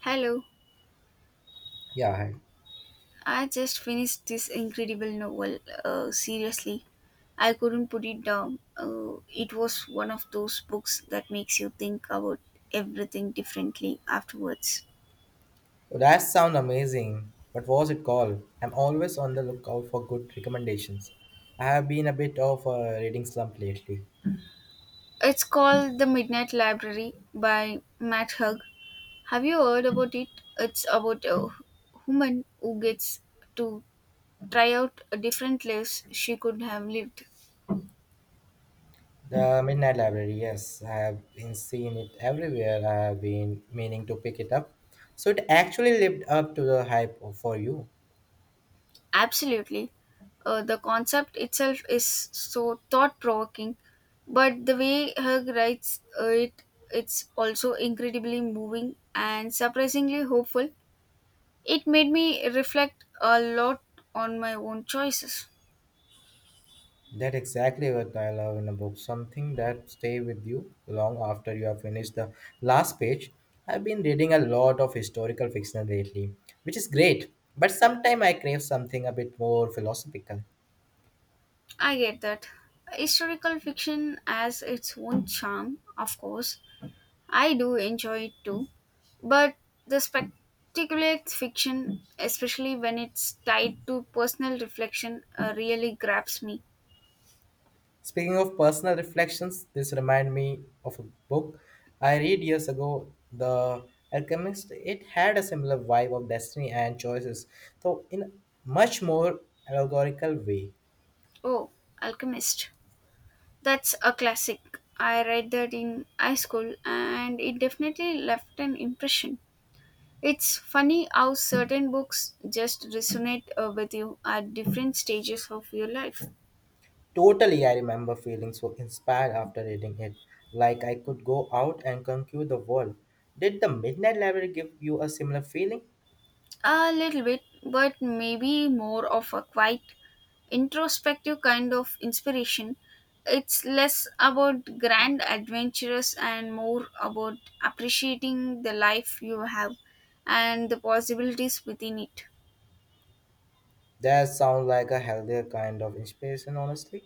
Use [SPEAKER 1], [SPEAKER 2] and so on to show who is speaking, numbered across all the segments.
[SPEAKER 1] Hello,
[SPEAKER 2] Yeah, hi.
[SPEAKER 1] I just finished this incredible novel. Seriously, I couldn't put it down. It was one of those books that makes you think about everything differently afterwards.
[SPEAKER 2] That sound amazing. What was it called? I'm always on the lookout for good recommendations. I have been a bit of a reading slump lately.
[SPEAKER 1] It's called The Midnight Library by Matt Hug. Have you heard about it? It's about a woman who gets to try out different lives she could have lived.
[SPEAKER 2] The Midnight Library, yes, I have been seeing it everywhere. I have been meaning to pick it up. So it actually lived up to the hype for you.
[SPEAKER 1] Absolutely. The concept itself is so thought provoking, but the way Hug writes it's also incredibly moving and surprisingly hopeful. It made me reflect a lot on my own choices.
[SPEAKER 2] That exactly what I love in a book, something that stay with you long after you have finished the last page. I've been reading a lot of historical fiction lately, which is great, but sometimes I crave something a bit more philosophical.
[SPEAKER 1] I get that. Historical fiction has its own charm, of course, I do enjoy it too, but the speculative fiction, especially when it's tied to personal reflection, really grabs me.
[SPEAKER 2] Speaking of personal reflections, this remind me of a book I read years ago, The Alchemist. It had a similar vibe of destiny and choices, though in a much more allegorical way.
[SPEAKER 1] Oh, Alchemist. That's a classic. I read that in high school and it definitely left an impression. It's funny how certain books just resonate with you at different stages of your life.
[SPEAKER 2] Totally, I remember feeling so inspired after reading it, like I could go out and conquer the world. Did the Midnight Library give you a similar feeling?
[SPEAKER 1] A little bit, but maybe more of a quiet, introspective kind of inspiration. It's less about grand adventures and more about appreciating the life you have and the possibilities within it.
[SPEAKER 2] That sounds like a healthier kind of inspiration, honestly.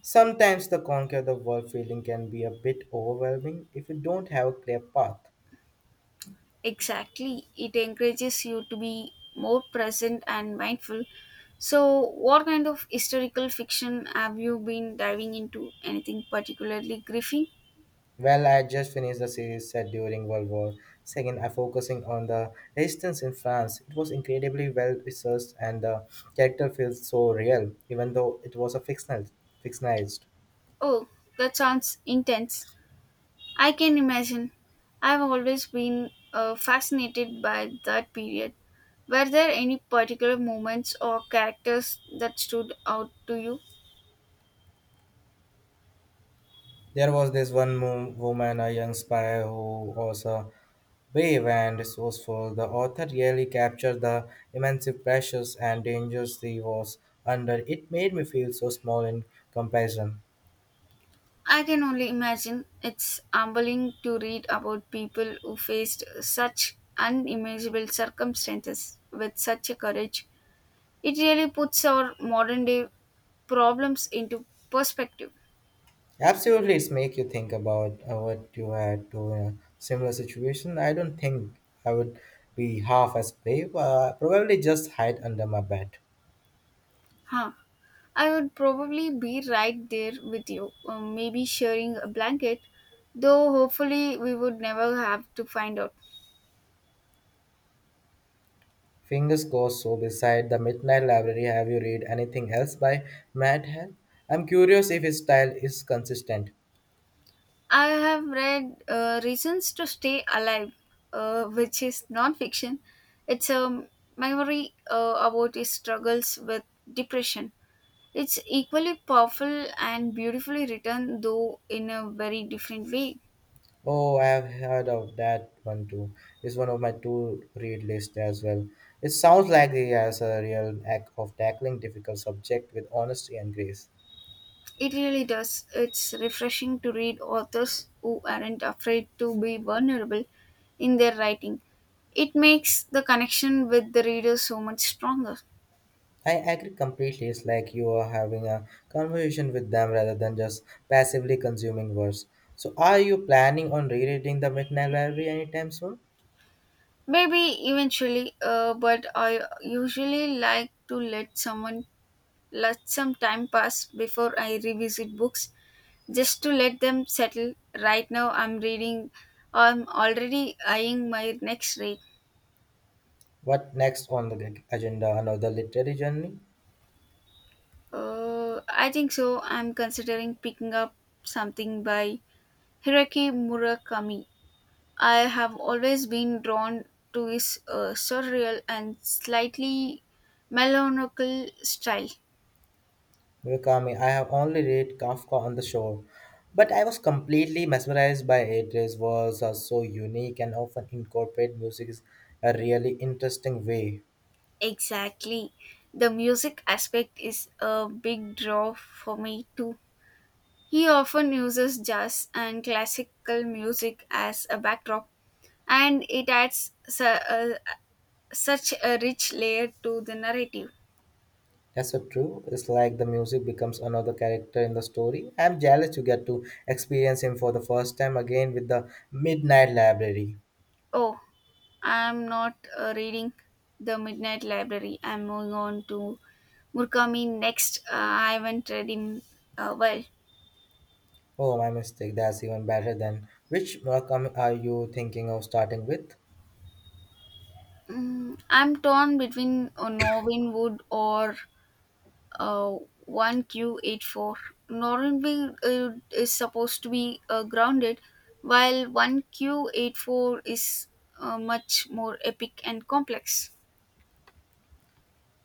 [SPEAKER 2] Sometimes the conquer the world feeling can be a bit overwhelming if you don't have a clear path.
[SPEAKER 1] Exactly, it encourages you to be more present and mindful. So, what kind of historical fiction have you been diving into? Anything particularly gripping?
[SPEAKER 2] Well, I just finished the series set during World War Second. I focusing on the resistance in France. It was incredibly well researched, and the character feels so real, even though it was a fictional, fictionalized.
[SPEAKER 1] Oh, that sounds intense. I can imagine. I've always been fascinated by that period. Were there any particular moments or characters that stood out to you?
[SPEAKER 2] There was this woman, a young spy, who was a brave and resourceful. The author really captured the immense pressures and dangers she was under. It made me feel so small in comparison.
[SPEAKER 1] I can only imagine. It's humbling to read about people who faced such unimaginable circumstances with such a courage. It really puts our modern day problems into perspective.
[SPEAKER 2] Absolutely, it's make you think about what you had to in a similar situation. I don't think I would be half as brave. Probably just hide under my bed.
[SPEAKER 1] Huh. I would probably be right there with you, maybe sharing a blanket, though hopefully we would never have to find out.
[SPEAKER 2] Fingers crossed. So, beside the Midnight Library, have you read anything else by Matt Hell? I'm curious if his style is consistent.
[SPEAKER 1] I have read Reasons to Stay Alive, which is non fiction. It's a memoir about his struggles with depression. It's equally powerful and beautifully written, though in a very different way.
[SPEAKER 2] Oh, I have heard of that one too. It's one of my two read list as well. It sounds like he has a real knack of tackling difficult subject with honesty and grace.
[SPEAKER 1] It really does. It's refreshing to read authors who aren't afraid to be vulnerable in their writing. It makes the connection with the reader so much stronger.
[SPEAKER 2] I agree completely. It's like you are having a conversation with them rather than just passively consuming words. So, are you planning on rereading the Midnight Library anytime soon?
[SPEAKER 1] Maybe eventually, but I usually like to let some time pass before I revisit books just to let them settle. Right now, I'm already eyeing my next read.
[SPEAKER 2] What next on the agenda? Another literary journey?
[SPEAKER 1] I think so. I'm considering picking up something by Hiraki Murakami. I have always been drawn to his surreal and slightly melancholic style.
[SPEAKER 2] Murakami, I have only read Kafka on the Shore, but I was completely mesmerized by it. His words are so unique and often incorporate music in a really interesting way.
[SPEAKER 1] Exactly. The music aspect is a big draw for me too. He often uses jazz and classical music as a backdrop, and it adds such a rich layer to the narrative.
[SPEAKER 2] That's so true. It's like the music becomes another character in the story. I'm jealous you get to experience him for the first time again with the Midnight Library.
[SPEAKER 1] Oh, I'm not reading The Midnight Library. I'm moving on to Murakami next. I haven't read him well.
[SPEAKER 2] Oh, my mistake. That's even better than. Which Murakami are you thinking of starting with?
[SPEAKER 1] I'm torn between Norwin Wood or uh, 1Q84. Norwin Wood is supposed to be grounded, while 1Q84 is much more epic and complex.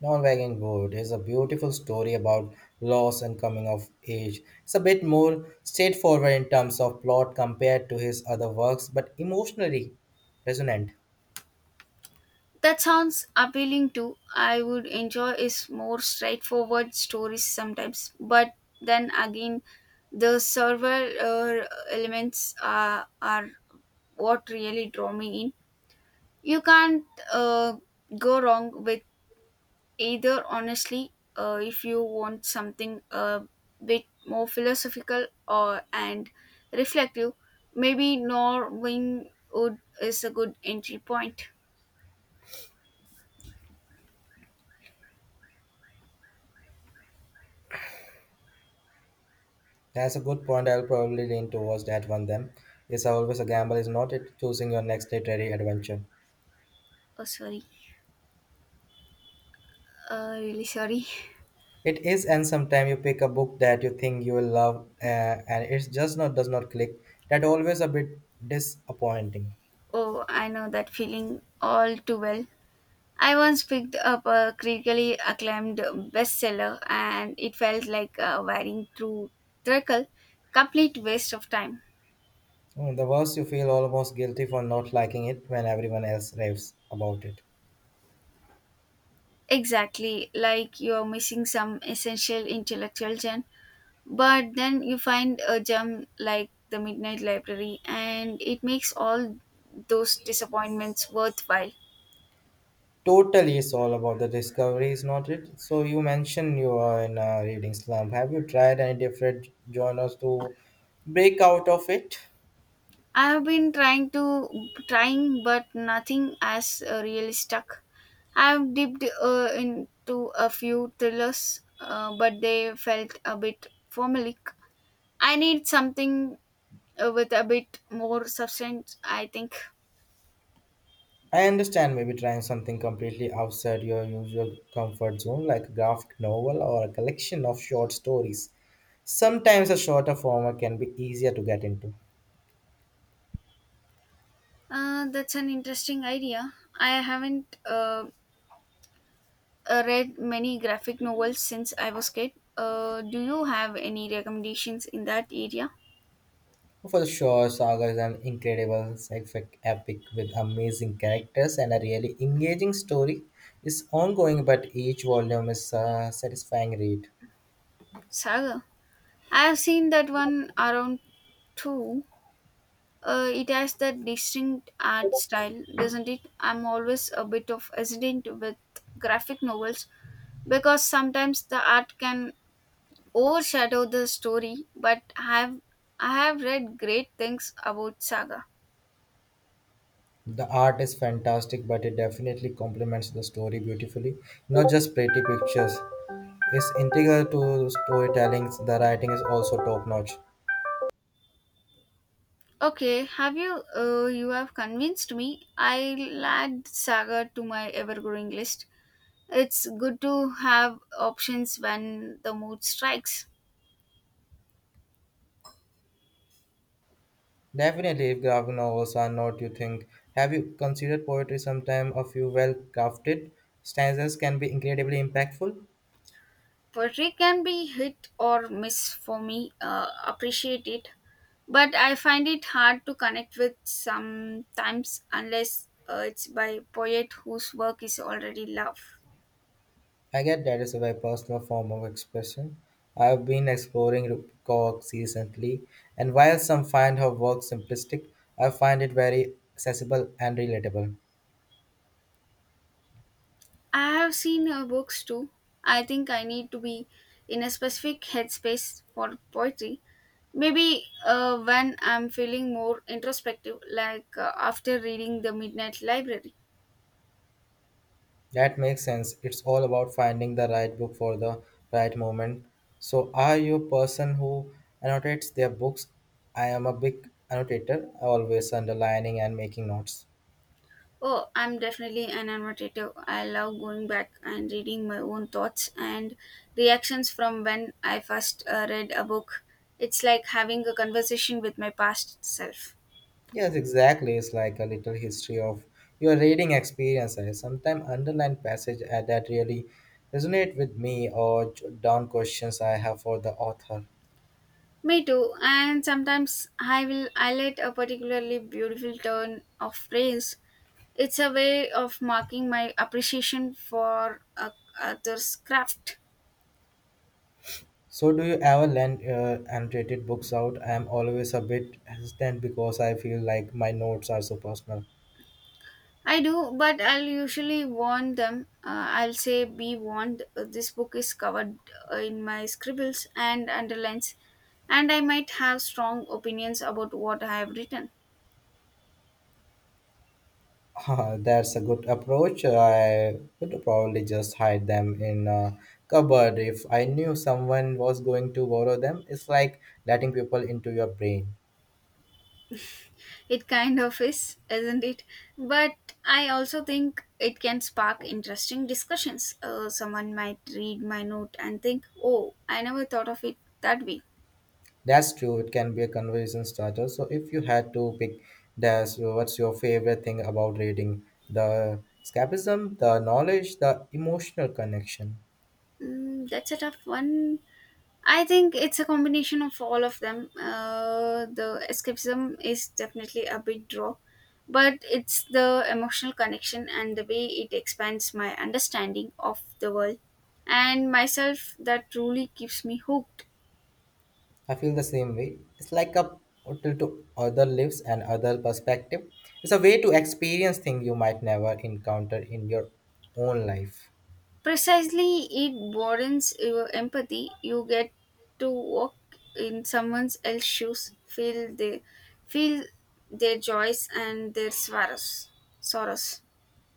[SPEAKER 2] Norwegian Wood is a beautiful story about loss and coming of age. It's a bit more straightforward in terms of plot compared to his other works, but emotionally resonant.
[SPEAKER 1] That sounds appealing too. I would enjoy is more straightforward stories sometimes, but then again, the survival elements are what really draw me in. You can't uh, go wrong with either, honestly. If you want something a bit more philosophical or and reflective, maybe Norwing wood is a good entry point.
[SPEAKER 2] That's a good point. I'll probably lean towards that one then. It's always a gamble, is not it? Choosing your next literary adventure.
[SPEAKER 1] Oh, sorry. Really sorry.
[SPEAKER 2] It is, and sometimes you pick a book that you think you will love, and it just not does not click. That always a bit disappointing.
[SPEAKER 1] Oh, I know that feeling all too well. I once picked up a critically acclaimed bestseller and it felt like wading through treacle, complete waste of time.
[SPEAKER 2] Mm, the worst, you feel almost guilty for not liking it when everyone else raves about it.
[SPEAKER 1] Exactly, like you are missing some essential intellectual gem, but then you find a gem like the Midnight Library and it makes all those disappointments worthwhile.
[SPEAKER 2] Totally, it's all about the discovery, is not it? So you mentioned you are in a reading slump. Have you tried any different genres to break out of it?
[SPEAKER 1] I have been trying, but nothing has really stuck. I have dipped into a few thrillers, but they felt a bit formulaic. I need something with a bit more substance. I think
[SPEAKER 2] I understand maybe trying something completely outside your usual comfort zone, like a graphic novel or a collection of short stories. Sometimes a shorter form can be easier to get into.
[SPEAKER 1] That's an interesting idea. I haven't read many graphic novels since I was kid. Do you have any recommendations in that area?
[SPEAKER 2] For sure, Saga is an incredible sci-fi epic with amazing characters and a really engaging story. It's ongoing, but each volume is a satisfying read.
[SPEAKER 1] Saga. I have seen that one around too. It has that distinct art style, doesn't it? I'm always a bit of hesitant with graphic novels because sometimes the art can overshadow the story. But have I have read great things about Saga.
[SPEAKER 2] The art is fantastic, but it definitely complements the story beautifully. Not just pretty pictures. It's integral to storytelling. The writing is also top notch.
[SPEAKER 1] Okay, have you? You have convinced me. I'll add Saga to my ever-growing list. It's good to have options when the mood strikes.
[SPEAKER 2] Definitely, if graphic novels are not, you think. Have you considered poetry sometime? A few well crafted stanzas can be incredibly impactful.
[SPEAKER 1] Poetry can be hit or miss for me, appreciate it, but I find it hard to connect with sometimes unless it's by poet whose work is already loved.
[SPEAKER 2] I get that is a very personal form of expression. I've been exploring Cox recently, and while some find her work simplistic, I find it very accessible and relatable.
[SPEAKER 1] I have seen her books too. I think I need to be in a specific headspace for poetry, maybe when I'm feeling more introspective, like after reading the Midnight Library.
[SPEAKER 2] That makes sense. It's all about finding the right book for the right moment. So, are you a person who annotates their books? I am a big annotator, always underlining and making notes.
[SPEAKER 1] Oh, I'm definitely an annotative. I love going back and reading my own thoughts and reactions from when I first read a book. It's like having a conversation with my past self.
[SPEAKER 2] Yes, exactly. It's like a little history of your reading experience. I sometimes underline passage that really resonate with me or jot down questions I have for the author.
[SPEAKER 1] Me too. And sometimes I will highlight a particularly beautiful turn of phrase. It's a way of marking my appreciation for a author's craft.
[SPEAKER 2] So, do you ever lend annotated books out? I am always a bit hesitant because I feel like my notes are so personal.
[SPEAKER 1] I do, but I'll usually warn them. I'll say, be warned, this book is covered in my scribbles and underlines, and I might have strong opinions about what I have written.
[SPEAKER 2] That's a good approach. I would probably just hide them in a cupboard if I knew someone was going to borrow them. It's like letting people into your brain.
[SPEAKER 1] It kind of is, isn't it? But I also think it can spark interesting discussions. Someone might read my note and think, oh, I never thought of it that way.
[SPEAKER 2] That's true. It can be a conversation starter. So if you had to pick, that's what's your favorite thing about reading? The escapism, the knowledge, the emotional connection.
[SPEAKER 1] That's a tough one. I think it's a combination of all of them. The escapism is definitely a big draw, but it's the emotional connection and the way it expands my understanding of the world and myself that truly keeps me hooked.
[SPEAKER 2] I feel the same way. It's like a portal to other lives and other perspective. It's a way to experience things you might never encounter in your own life.
[SPEAKER 1] Precisely, it broadens your empathy. You get to walk in someone else's shoes, feel their joys and their sorrows. Sorrows.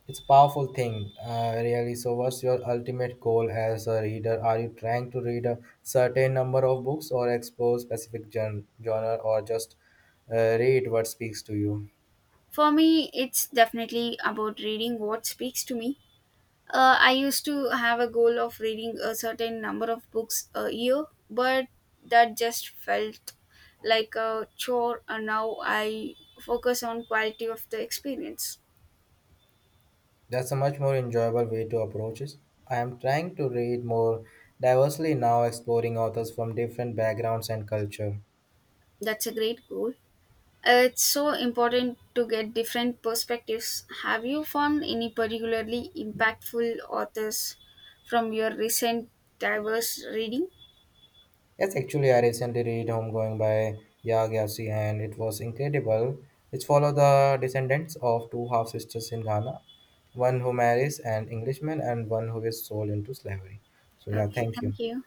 [SPEAKER 2] It's a powerful thing, really. So, what's your ultimate goal as a reader? Are you trying to read a certain number of books, or explore specific genre, or just uh, read what speaks to you?
[SPEAKER 1] For me, it's definitely about reading what speaks to me. I used to have a goal of reading a certain number of books a year, but that just felt like a chore, and now I focus on quality of the experience.
[SPEAKER 2] That's a much more enjoyable way to approach it. I am trying to read more diversely now, exploring authors from different backgrounds and culture.
[SPEAKER 1] That's a great goal. It's so important to get different perspectives. Have you found any particularly impactful authors from your recent diverse reading?
[SPEAKER 2] Yes, actually, I recently read Homegoing by Yagyashi and it was incredible. It follows the descendants of two half sisters in Ghana, one who marries an Englishman and one who is sold into slavery. So, yeah,
[SPEAKER 1] Okay,
[SPEAKER 2] thank you.
[SPEAKER 1] thank you.